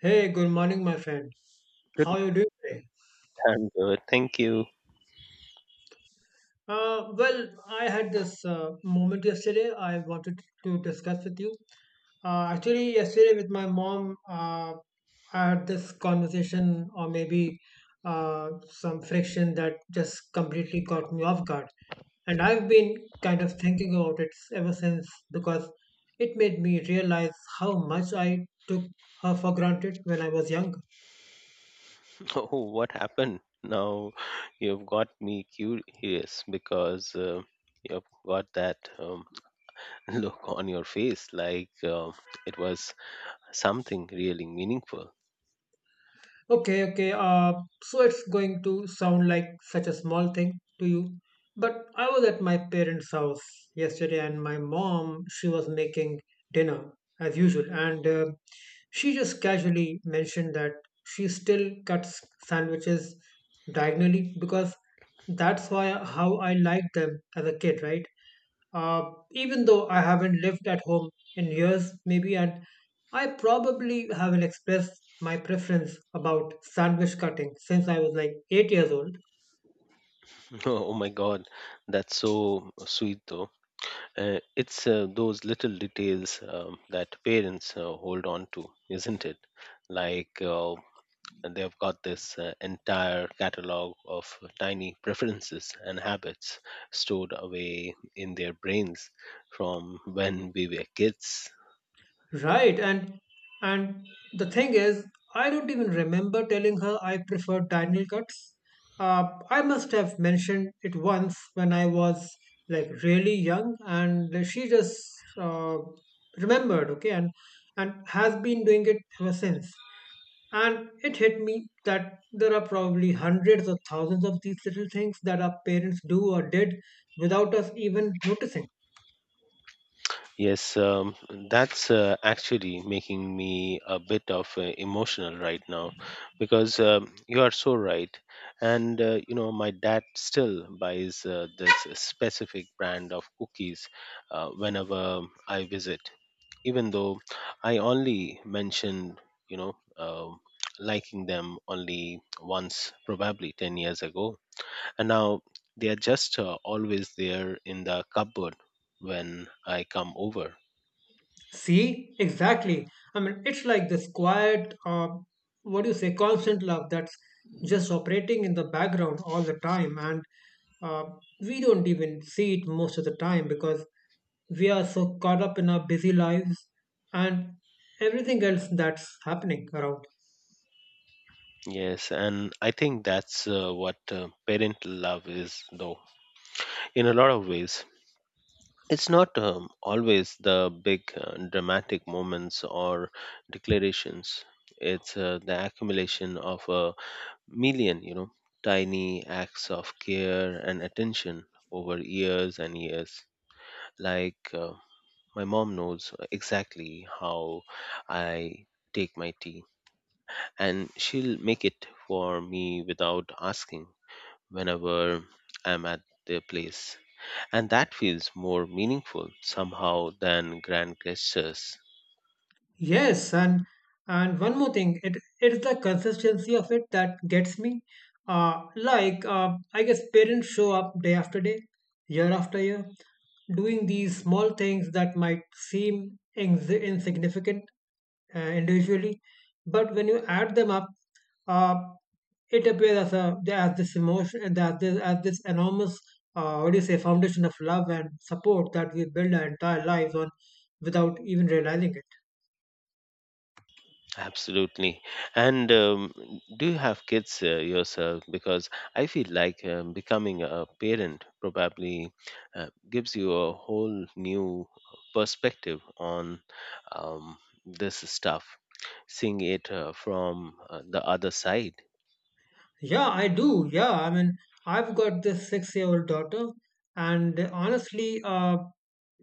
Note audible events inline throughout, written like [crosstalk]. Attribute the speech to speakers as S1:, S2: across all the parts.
S1: Hey, good morning, my friend.
S2: Good,
S1: How are you doing today?
S2: I'm good. Thank you.
S1: Well, I had this moment yesterday I wanted to discuss with you. Actually, yesterday with my mom, I had this conversation or maybe some friction that just completely caught me off guard. And I've been kind of thinking about it ever since because it made me realize how much I took her for granted when I was young.
S2: [laughs] Oh, what happened? Now you've got me curious because you've got that [laughs] look on your face like it was something really meaningful.
S1: Okay, okay. So it's going to sound like such a small thing to you. But I was at my parents' house yesterday, and my mom, she was making dinner as usual. And she just casually mentioned that she still cuts sandwiches diagonally because that's why how I liked them as a kid, right? Even though I haven't lived at home in years, maybe, and I probably haven't expressed my preference about sandwich cutting since I was like 8 years old.
S2: [laughs] Oh my God, that's so sweet though. It's those little details that parents hold on to, isn't it? Like and they've got this entire catalog of tiny preferences and habits stored away in their brains from when we were kids.
S1: Right, and the thing is, I don't even remember telling her I prefer diagonal cuts. I must have mentioned it once when I was like really young, and she just remembered, okay, and has been doing it ever since. And it hit me that there are probably hundreds or thousands of these little things that our parents do or did without us even noticing.
S2: Yes, that's actually making me a bit of emotional right now because you are so right. And, my dad still buys this specific brand of cookies whenever I visit, even though I only mentioned, you know, um liking them only once, probably 10 years ago. And now they are just always there in the cupboard when I come over.
S1: See, exactly. I mean, it's like this quiet, what do you say, constant love that's just operating in the background all the time. And uh, we don't even see it most of the time because we are so caught up in our busy lives and everything else that's happening around.
S2: Yes, and I think that's what parental love is, though, in a lot of ways. It's not always the big dramatic moments or declarations. It's the accumulation of a million, tiny acts of care and attention over years and years. Like my mom knows exactly how I take my tea, and she'll make it for me without asking whenever I'm at their place. And that feels more meaningful somehow than grand gestures.
S1: Yes, and one more thing, it's the consistency of it that gets me. Like I guess parents show up day after day, year after year, doing these small things that might seem insignificant individually, but when you add them up, uh, it appears as a as this emotion and as this enormous what do you say foundation of love and support that we build our entire lives on without even realizing it.
S2: Absolutely. And do you have kids yourself? Because I feel like becoming a parent probably gives you a whole new perspective on um, this stuff, seeing it from the other side.
S1: Yeah, I do. Yeah, I mean, I've got this 6-year-old daughter, and honestly,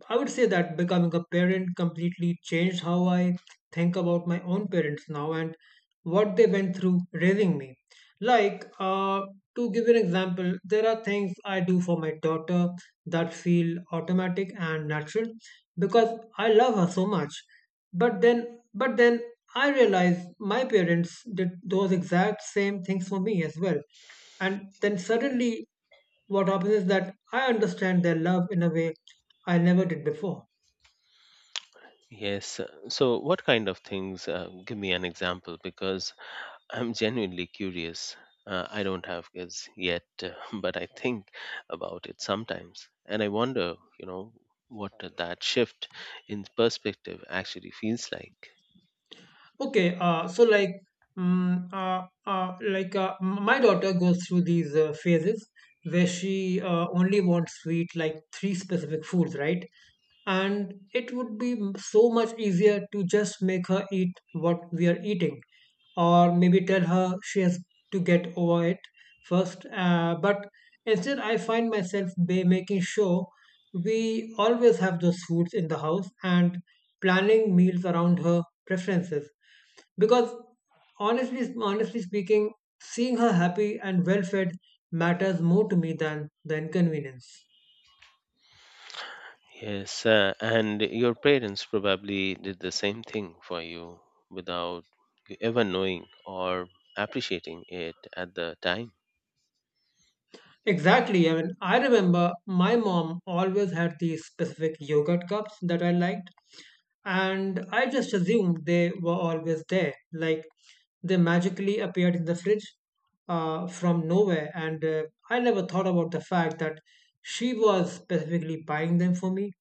S1: I would say that becoming a parent completely changed how I think about my own parents now and what they went through raising me. Like, to give you an example, there are things I do for my daughter that feel automatic and natural because I love her so much. But then but then I realized my parents did those exact same things for me as well. And then suddenly, what happens is that I understand their love in a way I never did before.
S2: Yes. So, what kind of things? Give me an example because I'm genuinely curious. I don't have kids yet, [laughs] but I think about it sometimes. And I wonder, what that shift in perspective actually feels like.
S1: Okay, so like, mm like m- my daughter goes through these phases where she only wants sweet, like three specific foods, right? And it would be so much easier to just make her eat what we are eating, or maybe tell her she has to get over it first. But instead, I find myself making sure we always have those foods in the house and planning meals around her preferences because honestly speaking seeing her happy and well fed matters more to me than the inconvenience.
S2: Yes, and your parents probably did the same thing for you without you ever knowing or appreciating it at the time.
S1: Exactly. I mean, I remember my mom always had these specific yogurt cups that I liked, and I just assumed they were always there. Like they magically appeared in the fridge from nowhere, and I never thought about the fact that she was specifically buying them for me,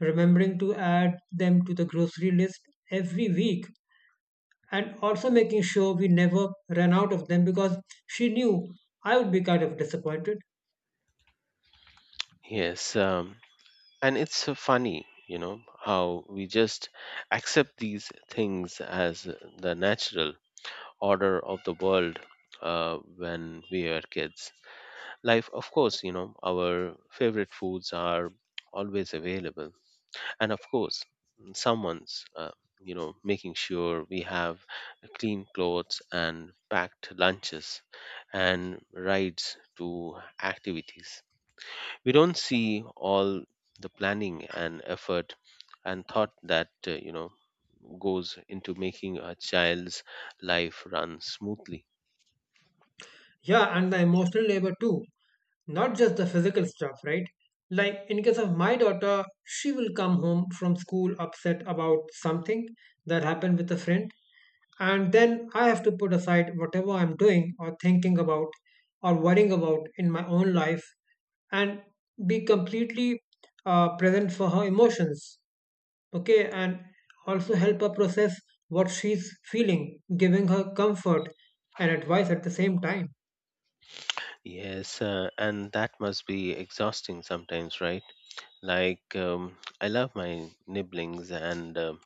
S1: remembering to add them to the grocery list every week, and also making sure we never ran out of them because she knew I would be kind of disappointed.
S2: Yes, and it's so funny, how we just accept these things as the natural order of the world when we were kids. Life, of course, our favorite foods are always available. And of course, someone's, making sure we have clean clothes and packed lunches and rides to activities. We don't see all the planning and effort and thought that, goes into making a child's life run smoothly.
S1: Yeah, and the emotional labor too, not just the physical stuff, right? Like in case of my daughter, she will come home from school upset about something that happened with a friend, and then I have to put aside whatever I'm doing or thinking about or worrying about in my own life and be completely present for her emotions, okay, and also help her process what she's feeling, giving her comfort and advice at the same time.
S2: Yes, and that must be exhausting sometimes, right? Like, I love my nibblings and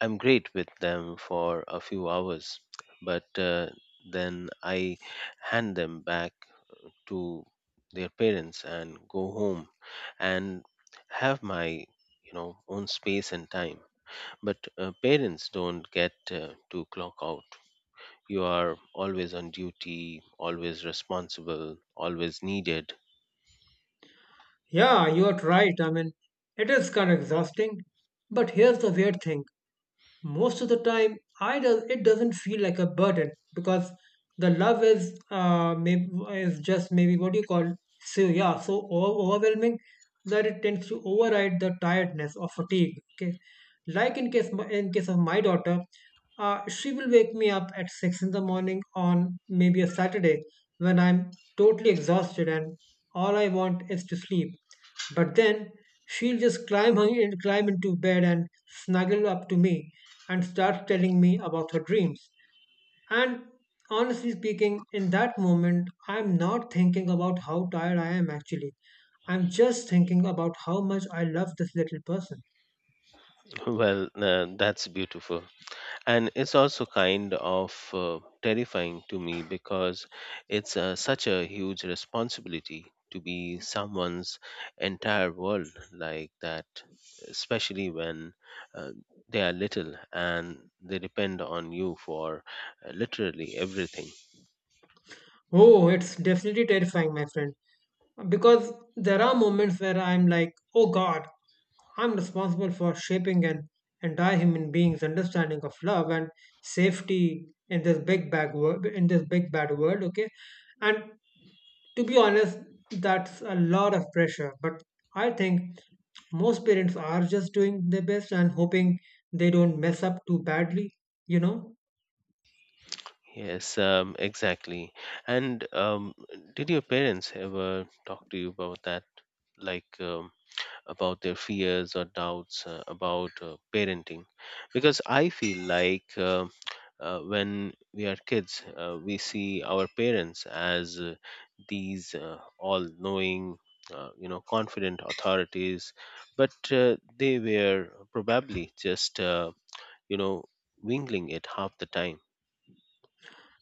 S2: I'm great with them for a few hours, but then I hand them back to their parents and go home and have my own space and time, but parents don't get to clock out. You are always on duty, always responsible, always needed.
S1: Yeah, you're right. I mean, it is kind of exhausting. But here's the weird thing. Most of the time, I does it doesn't feel like a burden because the love is maybe is just maybe what do you call so yeah so overwhelming that it tends to override the tiredness or fatigue. Okay, like in case of my daughter, she will wake me up at 6 in the morning on maybe a Saturday when I'm totally exhausted and all I want is to sleep. But then she'll just climb into bed and snuggle up to me and start telling me about her dreams. And honestly speaking, in that moment, I'm not thinking about how tired I am actually. I'm just thinking about how much I love this little person.
S2: Well, that's beautiful. And it's also kind of terrifying to me because it's such a huge responsibility to be someone's entire world like that, especially when uh, they are little and they depend on you for literally everything.
S1: Oh, it's definitely terrifying, my friend. Because there are moments where I'm like, oh God, I'm responsible for shaping an entire human being's understanding of love and safety in this big bad world. In this big bad world, okay. And to be honest, that's a lot of pressure. But I think most parents are just doing their best and hoping they don't mess up too badly. You know.
S2: Yes, exactly. And did your parents ever talk to you about that? Like, about their fears or doubts about parenting, because I feel like when we are kids, we see our parents as these all knowing, confident authorities, but they were probably just you know wingling it half the time.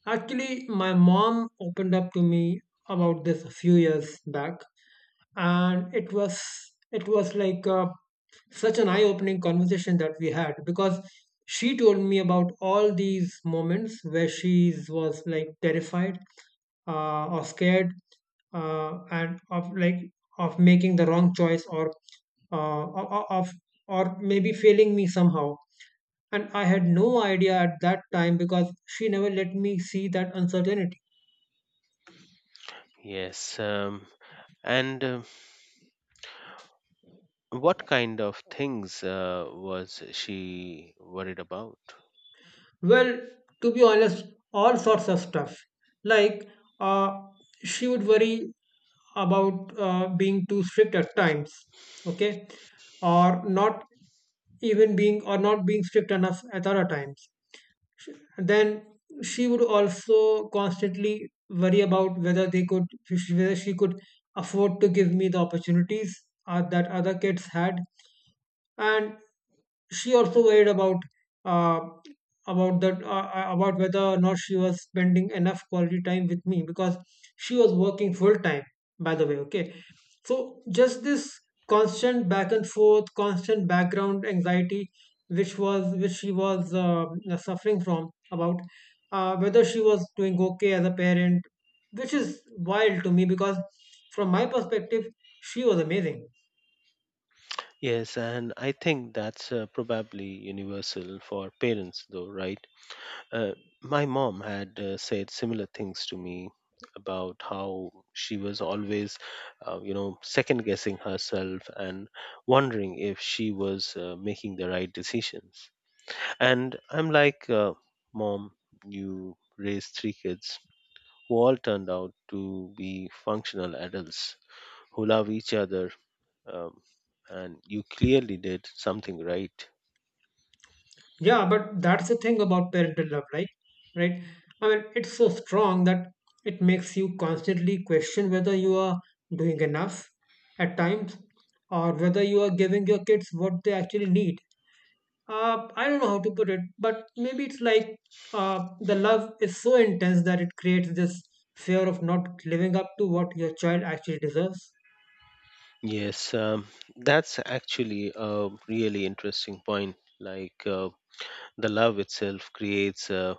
S1: Actually, my mom opened up to me about this a few years back, and it was like such an eye-opening conversation that we had because she told me about all these moments where she was like terrified or scared and of like of making the wrong choice or of or maybe failing me somehow, and I had no idea at that time because she never let me see that uncertainty.
S2: Yes, and what kind of things was she worried about?
S1: Well, to be honest, all sorts of stuff. Like, uh, she would worry about being too strict at times, okay, or not being strict enough at other times. And then she would also constantly worry about whether they could whether she could afford to give me the opportunities that other kids had, and she also worried uh, about that about whether or not she was spending enough quality time with me because she was working full time by the way, okay, so just this constant back and forth, constant background anxiety which was which she was suffering from about whether she was doing okay as a parent, which is wild to me because from my perspective she was amazing.
S2: Yes, and I think that's probably universal for parents, though, right? Uh, my mom had said similar things to me about how she was always, second guessing herself and wondering if she was making the right decisions. And I'm like, Mom, you raised three kids who all turned out to be functional adults who love each other, um, and you clearly did something right.
S1: Yeah, but that's the thing about parental love, right? Right? I mean, it's so strong that it makes you constantly question whether you are doing enough at times or whether you are giving your kids what they actually need. I don't know how to put it, but maybe it's like the love is so intense that it creates this fear of not living up to what your child actually deserves.
S2: Yes, that's actually a really interesting point. Like the love itself creates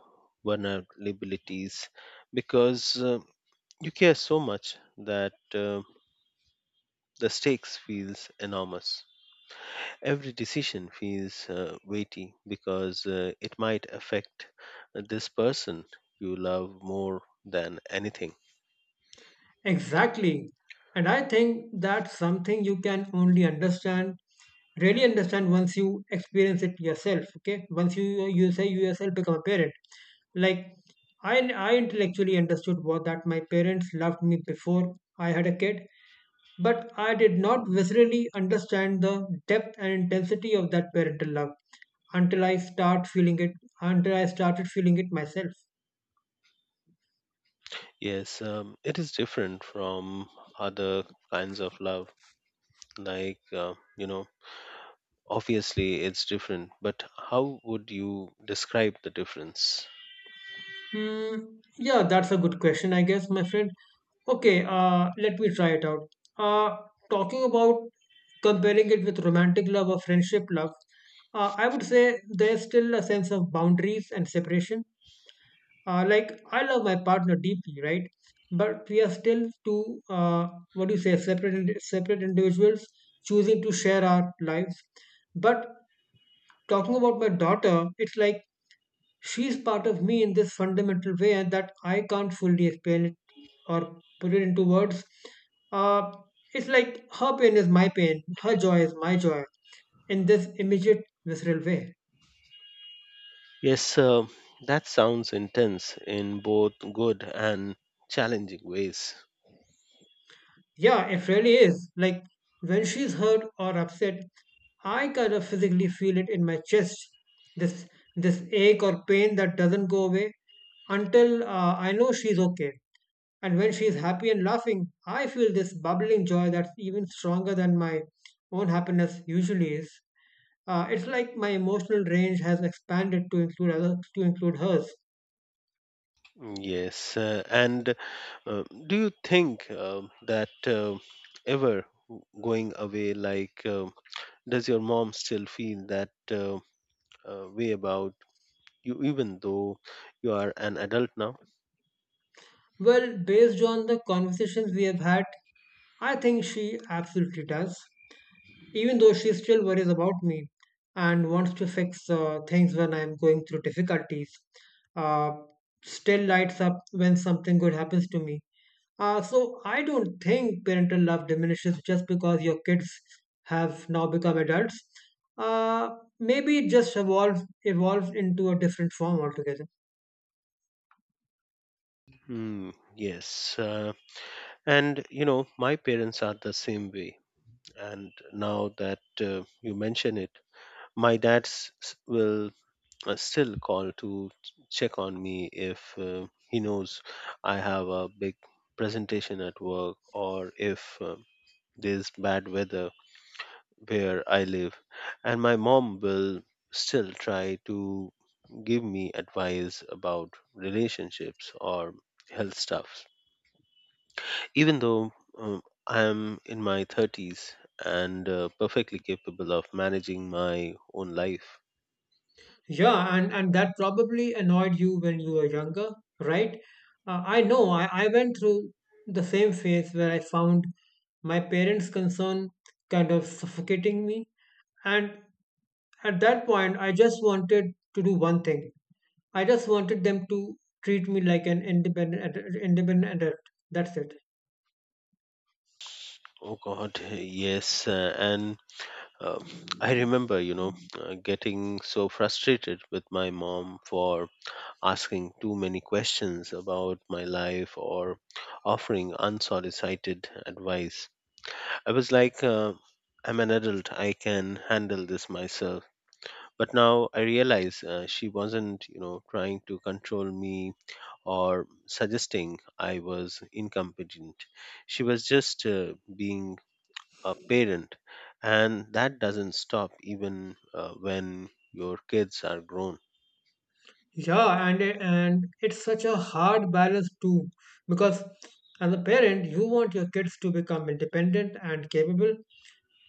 S2: vulnerabilities, because you care so much that the stakes feels enormous. Every decision feels weighty because it might affect this person you love more than anything.
S1: Exactly. And I think that's something you can only understand, really understand once you experience it yourself. Okay. Once you yourself become a parent. Like I I intellectually understood what that my parents loved me before I had a kid, but I did not viscerally understand the depth and intensity of that parental love until I start feeling it, until I started feeling it myself.
S2: Yes, it is different from other kinds of love. Like, obviously it's different, but how would you describe the difference?
S1: Mm, yeah, that's a good question, I guess, my friend. Okay, let me try it out. Uh, talking about comparing it with romantic love or friendship love, I would say there's still a sense of boundaries and separation. Like I love my partner deeply, right? But we are still two, what do you say, separate individuals choosing to share our lives. But talking about my daughter, it's like she's part of me in this fundamental way that I can't fully explain it or put it into words. Uh, it's like her pain is my pain, her joy is my joy in this immediate, visceral way.
S2: Yes, that sounds intense in both good and challenging ways.
S1: Yeah, it really is. Like when she's hurt or upset, I kind of physically feel it in my chest. This this ache or pain that doesn't go away until I know she's okay. And when she's happy and laughing, I feel this bubbling joy that's even stronger than my own happiness usually is. It's like my emotional range has expanded to include hers.
S2: Yes, and do you think that ever going away? Like, does your mom still feel that way about you, even though you are an adult now?
S1: Well, based on the conversations we have had, I think she absolutely does. Even though she still worries about me and wants to fix things when I'm going through difficulties, uh, still lights up when something good happens to me. So I don't think parental love diminishes just because your kids have now become adults. Uh, Maybe it just evolved into a different form altogether.
S2: Hmm, yes, and my parents are the same way, and now that you mention it, my dad's will still call to check on me if he knows I have a big presentation at work, or if there's bad weather where I live, and my mom will still try to give me advice about relationships or health stuff, even though I'm in my 30s and perfectly capable of managing my own life.
S1: Yeah, and that probably annoyed you when you were younger, right? I know I went through the same phase where I found my parents' concern kind of suffocating me. And at that point, I just wanted to do one thing. I just wanted them to treat me like an independent adult. That's it.
S2: Oh God, [laughs] yes. And uh, I remember, you know, getting so frustrated with my mom for asking too many questions about my life or offering unsolicited advice. I was like, I'm an adult, I can handle this myself. But now I realize she wasn't, trying to control me or suggesting I was incompetent. She was just being a parent, and that doesn't stop even when your kids are grown.
S1: Yeah, and it's such a hard balance too, because as a parent, you want your kids to become independent and capable,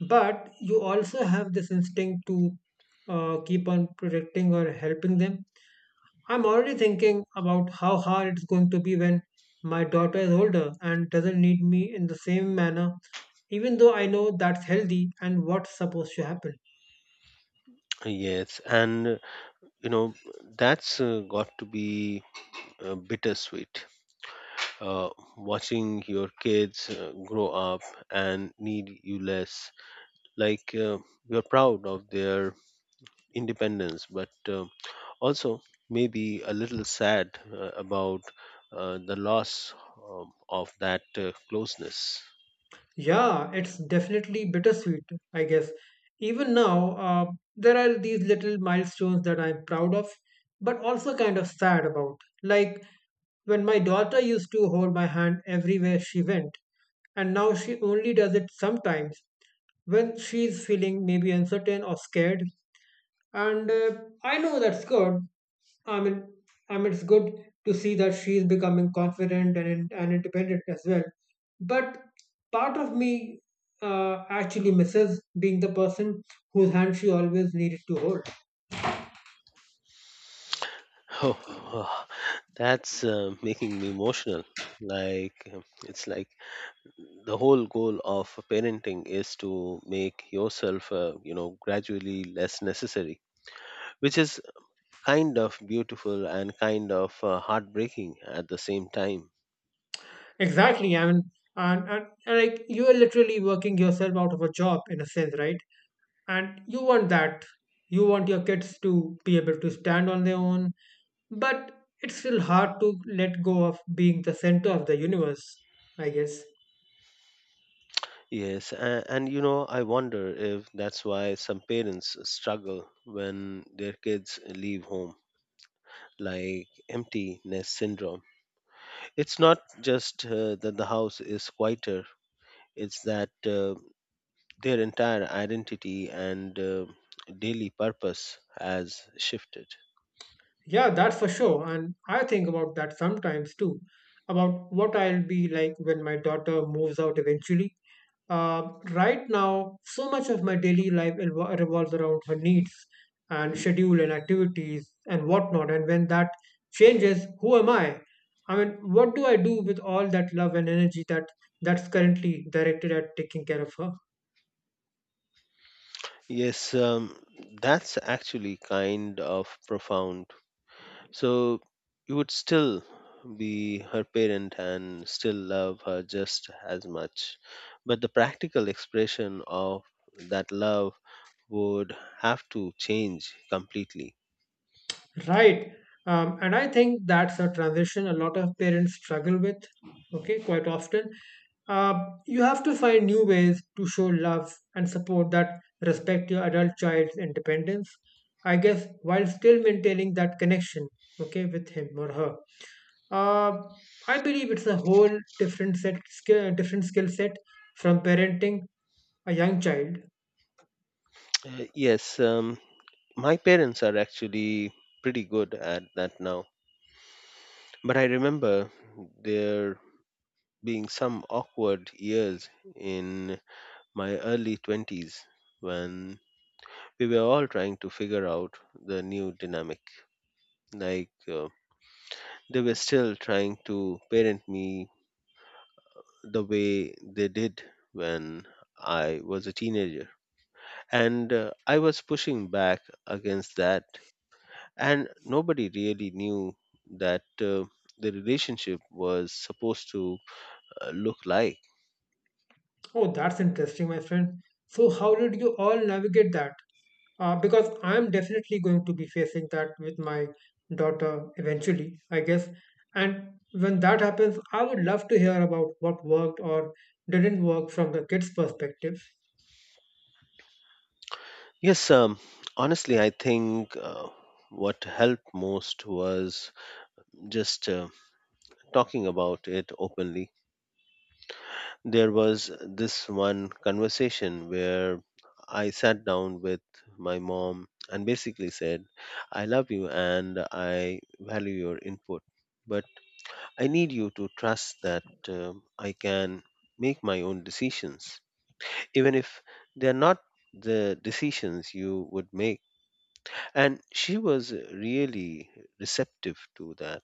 S1: but you also have this instinct to keep on protecting or helping them. I'm already thinking about how hard it's going to be when my daughter is older and doesn't need me in the same manner, even though I know that's healthy and what's supposed to happen.
S2: Yes, and you know, that's got to be bittersweet. uh, watching your kids grow up and need you less. Like you're proud of their independence, but also maybe a little sad about the loss, of that closeness.
S1: Yeah, it's definitely bittersweet, I guess. Even now, there are these little milestones that I'm proud of, but also kind of sad about. Like when my daughter used to hold my hand everywhere she went, and now she only does it sometimes when she's feeling maybe uncertain or scared. And I know that's good, I mean, I mean, it's good to see that she's becoming confident and independent as well. But part of me actually misses being the person whose hand she always needed to hold.
S2: [sighs] Oh, oh, that's making me emotional. Like it's like the whole goal of parenting is to make yourself, gradually less necessary, which is kind of beautiful and kind of heartbreaking at the same time.
S1: Exactly. I mean, and like you are literally working yourself out of a job in a sense, right? And you want that. You want your kids to be able to stand on their own, but it's still hard to let go of being the center of the universe, I guess.
S2: Yes, and I wonder if that's why some parents struggle when their kids leave home, like empty nest syndrome. It's not just that the house is quieter, it's that their entire identity and daily purpose has shifted.
S1: Yeah, that's for sure. And I think about that sometimes too, about what I'll be like when my daughter moves out eventually. Right now, so much of my daily life revolves around her needs and schedule and activities and whatnot. And when that changes, who am I? I mean, what do I do with all that love and energy that that's currently directed at taking care of her?
S2: Yes, that's actually kind of profound. So you would still be her parent and still love her just as much. But the practical expression of that love would have to change completely.
S1: Right. And I think that's a transition a lot of parents struggle with, okay, quite often. Uh, you have to find new ways to show love and support that respect your adult child's independence, I guess, while still maintaining that connection, okay, with him or her. Uh, I believe it's a whole different skill set from parenting a young child.
S2: Yes, my parents are actually pretty good at that now. But I remember there being some awkward years in my early 20s when we were all trying to figure out the new dynamic. Like they were still trying to parent me the way they did when I was a teenager. And I was pushing back against that. And nobody really knew that the relationship was supposed to look like.
S1: Oh, that's interesting, my friend. So, how did you all navigate that? Because I'm definitely going to be facing that with my daughter eventually, I guess. And when that happens, I would love to hear about what worked or didn't work from the kids' perspective.
S2: Yes, honestly, I think what helped most was just talking about it openly. There was this one conversation where I sat down with my mom and basically said, I love you and I value your input, but I need you to trust that I can make my own decisions, even if they're not the decisions you would make. And she was really receptive to that,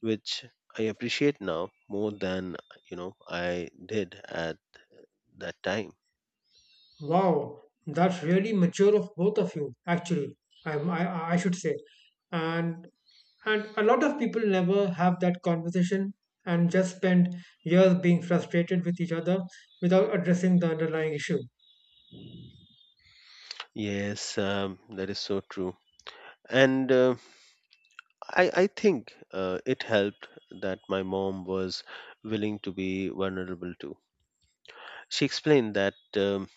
S2: which I appreciate now more than I did at that time.
S1: Wow, that's really mature of both of you, actually. I should say, and a lot of people never have that conversation and just spend years being frustrated with each other without addressing the underlying issue.
S2: Yes, that is so true. And I think it helped that my mom was willing to be vulnerable too. She explained that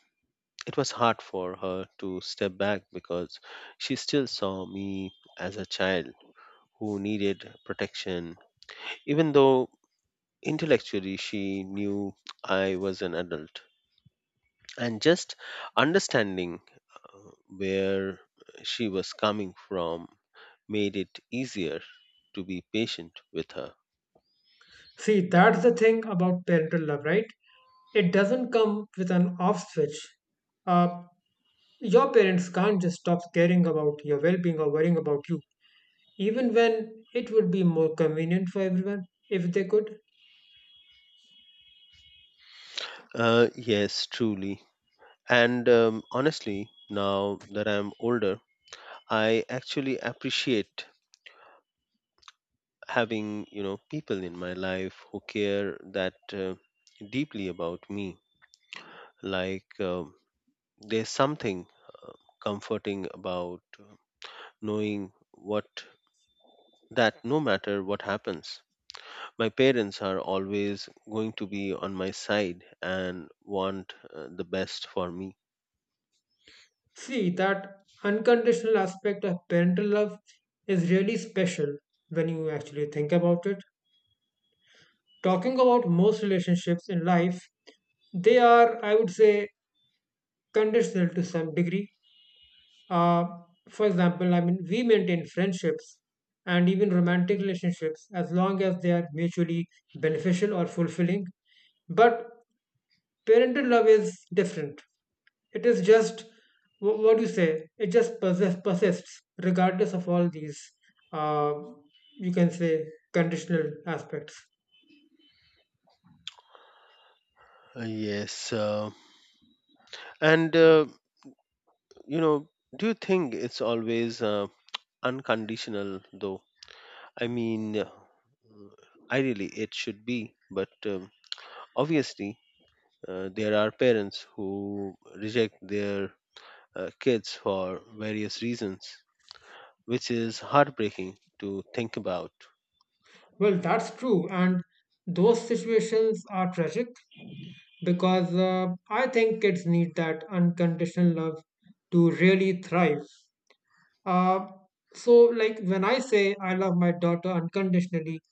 S2: it was hard for her to step back because she still saw me as a child who needed protection, even though intellectually she knew I was an adult. And just understanding uh, where she was coming from made it easier to be patient with her.
S1: See, that's the thing about parental love, right? It doesn't come with an off switch. Uh, your parents can't just stop caring about your well-being or worrying about you, even when it would be more convenient for everyone if they could.
S2: Yes, truly. And honestly, now that I'm older, I actually appreciate having people in my life who care that deeply about me. Like there's something uh, comforting about knowing what that no matter what happens, my parents are always going to be on my side and want the best for me.
S1: See, that unconditional aspect of parental love is really special when you actually think about it. Talking about most relationships in life, they are, I would say, conditional to some degree. Uh, for example, I mean, we maintain friendships and even romantic relationships as long as they are mutually beneficial or fulfilling. But parental love is different. It is just what do you say? It just persists regardless of all these, uh, you can say, conditional aspects.
S2: Yes. And, you know, do you think it's always unconditional, though? I mean, ideally, it should be, but obviously, there are parents who reject their kids for various reasons, which is heartbreaking to think about.
S1: Well, that's true, and those situations are tragic because I think kids need that unconditional love to really thrive. Uh, so, like when I say I love my daughter unconditionally,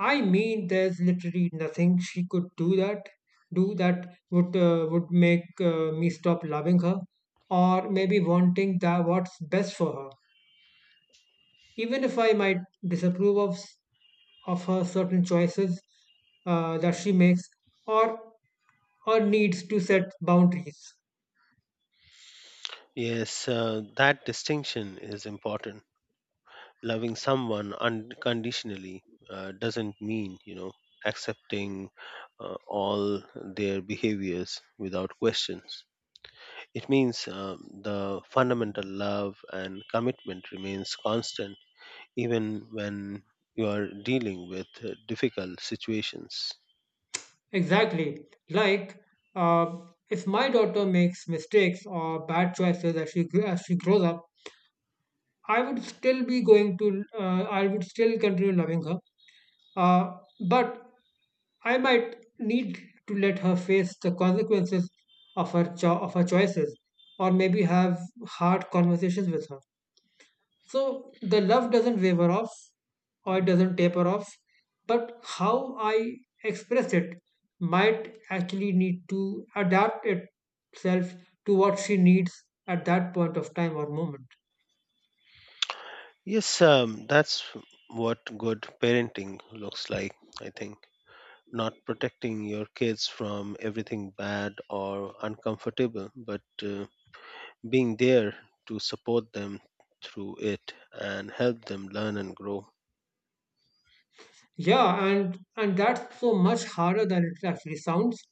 S1: I mean, there's literally nothing she could do that would make me stop loving her, or maybe wanting that what's best for her. Even if I might disapprove of of her certain choices that she makes, or needs to set boundaries.
S2: Yes, that distinction is important. Loving someone unconditionally doesn't mean accepting all their behaviors without questions. It means the fundamental love and commitment remains constant even when you are dealing with difficult situations.
S1: Exactly. Like, uh, if my daughter makes mistakes or bad choices as she grows up, I would still be going to, I would still continue loving her. But I might need to let her face the consequences of her of her choices, or maybe have hard conversations with her. So the love doesn't waver off, or it doesn't taper off, but how I express it might actually need to adapt itself to what she needs at that point of time or moment.
S2: Yes, that's what good parenting looks like, I think. Not protecting your kids from everything bad or uncomfortable, but uh, being there to support them through it and help them learn and grow.
S1: Yeah, and that's so much harder than it actually sounds.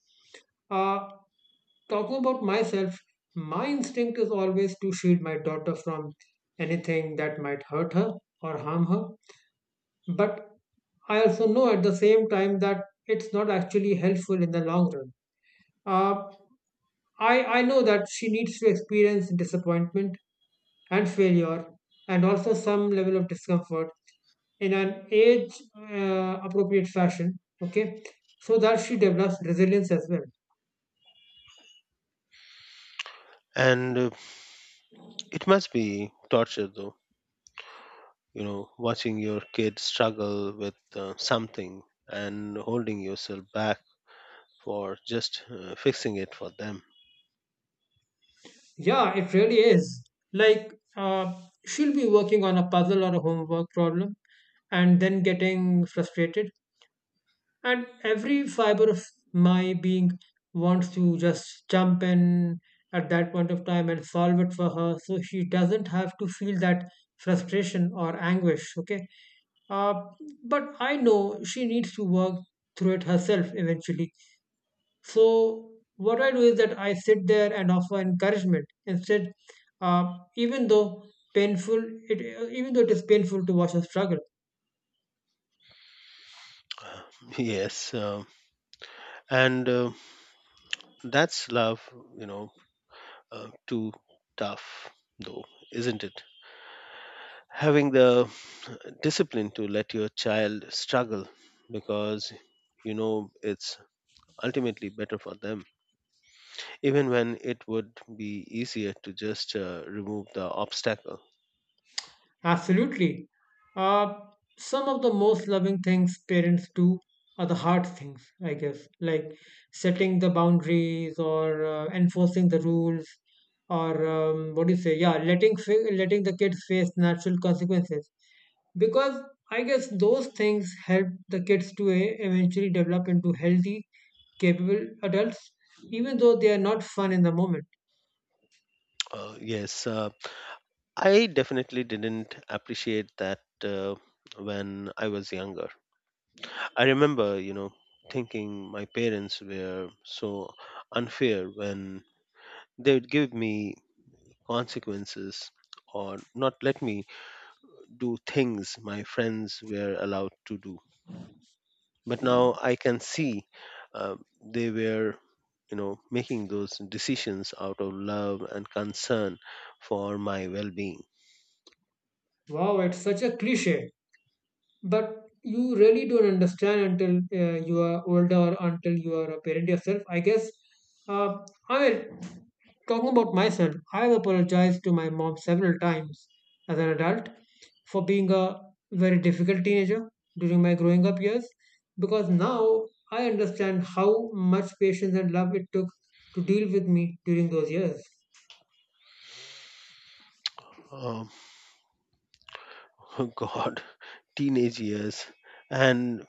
S1: Uh, Talking about myself, my instinct is always to shield my daughter from anything that might hurt her or harm her. But I also know at the same time that it's not actually helpful in the long run. Uh, I know that she needs to experience disappointment and failure and also some level of discomfort in an age appropriate fashion, okay, so that she develops resilience as well.
S2: And it must be torture, though, watching your kid struggle with something and holding yourself back for just fixing it for them. [laughs]
S1: Yeah, it really is. Like she'll be working on a puzzle or a homework problem and then getting frustrated, and every fiber of my being wants to just jump in at that point of time and solve it for her so she doesn't have to feel that frustration or anguish, okay. uh, but I know she needs to work through it herself eventually. So what I do is that I sit there and offer encouragement instead, uh, even though painful, it even though it is painful to watch her struggle.
S2: Uh, yes, and that's love, you know, too tough, though, isn't it? Having the discipline to let your child struggle because it's ultimately better for them, even when it would be easier to just remove the obstacle.
S1: Absolutely. Uh, some of the most loving things parents do are the hard things, I guess, like setting the boundaries or enforcing the rules, or what do you say? Yeah, letting the kids face natural consequences. Because I guess those things help the kids to eventually develop into healthy, capable adults, even though they are not fun in the moment.
S2: Uh, yes. I definitely didn't appreciate that when I was younger. I remember thinking my parents were so unfair when they would give me consequences or not let me do things my friends were allowed to do. But now I can see uh, they were, making those decisions out of love and concern for my well-being.
S1: Wow, it's such a cliche, but you really don't understand until you are older or until you are a parent yourself, I guess. uh, I mean, talking about myself, I've apologized to my mom several times as an adult for being a very difficult teenager during my growing up years, because now I understand how much patience and love it took to deal with me during those years.
S2: Um, [laughs] oh God, teenage years. And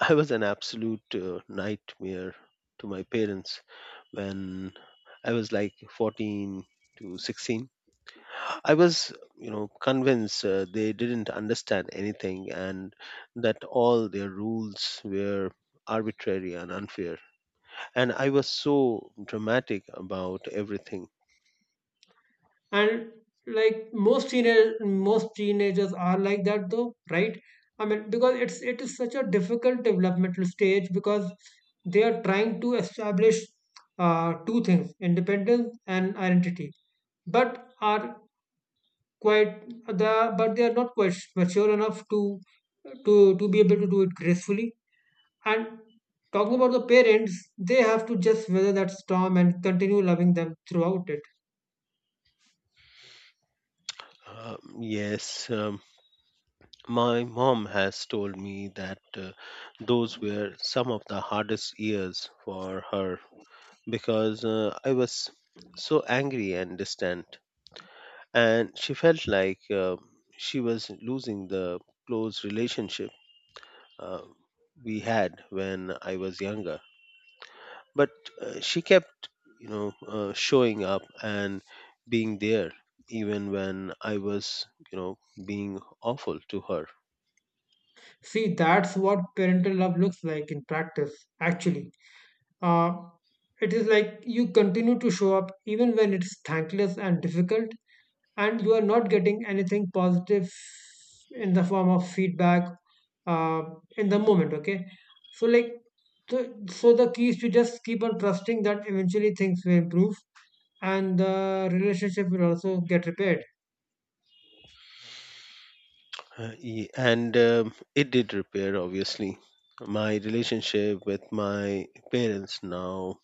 S2: I was an absolute nightmare to my parents when I was like 14 to 16. I was, convinced they didn't understand anything and that all their rules were arbitrary and unfair. And I was so dramatic about everything.
S1: And like most teenagers are like that though, right? I mean, because it is such a difficult developmental stage because they are trying to establish two things: independence and identity. But are quite the but they are not quite mature enough to to be able to do it gracefully. And talking about the parents, they have to just weather that storm and continue loving them throughout it.
S2: Yes, my mom has told me that those were some of the hardest years for her because I was so angry and distant. And she felt like she was losing the close relationship uh, we had when I was younger. But she kept, showing up and being there even when I was, being awful to her.
S1: See, that's what parental love looks like in practice, actually. Uh, it is like you continue to show up even when it's thankless and difficult, and you are not getting anything positive in the form of feedback, uh, in the moment, okay? So, like, so the key is to just keep on trusting that eventually things will improve and the relationship will also get repaired.
S2: Ye- and it did repair, obviously. My relationship with my parents now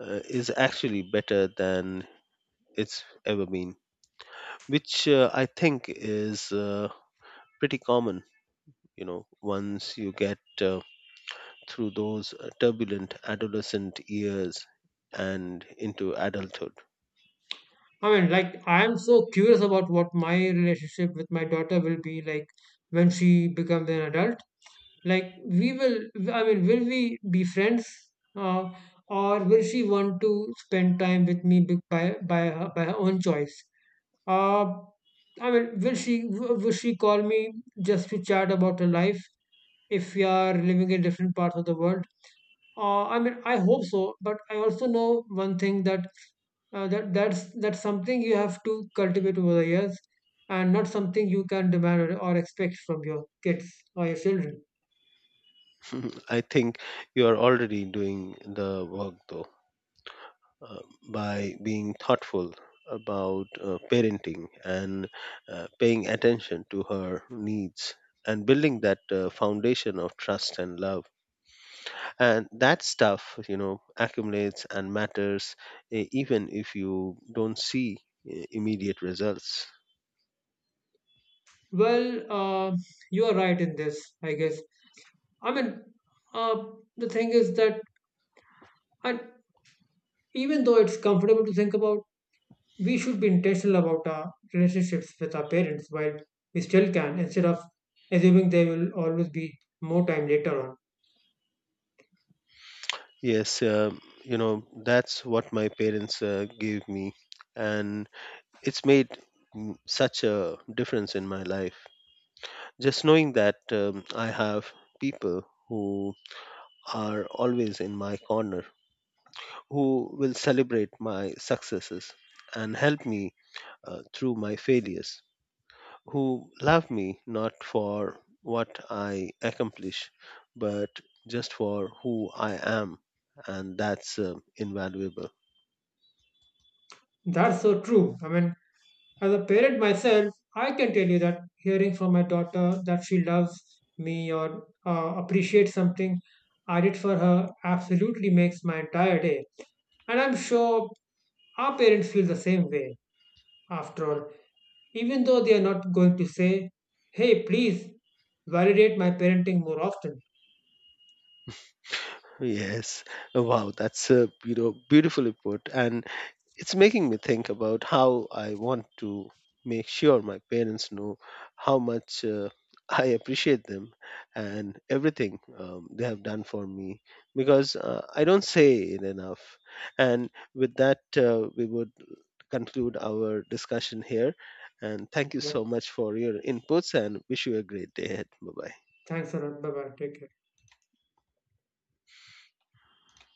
S2: is actually better than it's ever been, which I think is pretty common, once you get through those turbulent adolescent years and into adulthood.
S1: I mean, like, I am so curious about what my relationship with my daughter will be like when she becomes an adult. Like, we will, I mean, will we be friends? Uh, or will she want to spend time with me by her own choice? Uh, I mean, will she will she call me just to chat about her life if we are living in different parts of the world? I mean, I hope so, but I also know one thing, that that's something you have to cultivate over the years, and not something you can demand or expect from your kids or your children.
S2: [laughs] I think you are already doing the work, though, uh, by being thoughtful about parenting and paying attention to her needs, and building that foundation of trust and love, and that stuff accumulates and matters, even if you don't see immediate results.
S1: Well, you are right in this, I guess. I mean, uh, the thing is that, and even though it's comfortable to think about, we should be intentional about our relationships with our parents while we still can, instead of assuming there will always be more time later on.
S2: Yes, that's what my parents gave me, and it's made such a difference in my life. Just knowing that I have people who are always in my corner, who will celebrate my successes and help me through my failures, who love me not for what I accomplish, but just for who I am, and that's invaluable.
S1: That's so true. I mean, as a parent myself, I can tell you that hearing from my daughter that she loves me or appreciates something I did for her absolutely makes my entire day. And I'm sure our parents feel the same way. After all, even though they are not going to say, hey, please validate my parenting more often.
S2: Yes. Oh, wow, that's beautifully put, and it's making me think about how I want to make sure my parents know how much I appreciate them and everything they have done for me because I don't say it enough. And with that, we would conclude our discussion here. And thank you so
S1: Yep.
S2: much for your inputs, and wish you a great day ahead. Bye bye.
S1: Thanks a lot. Bye bye. Take care.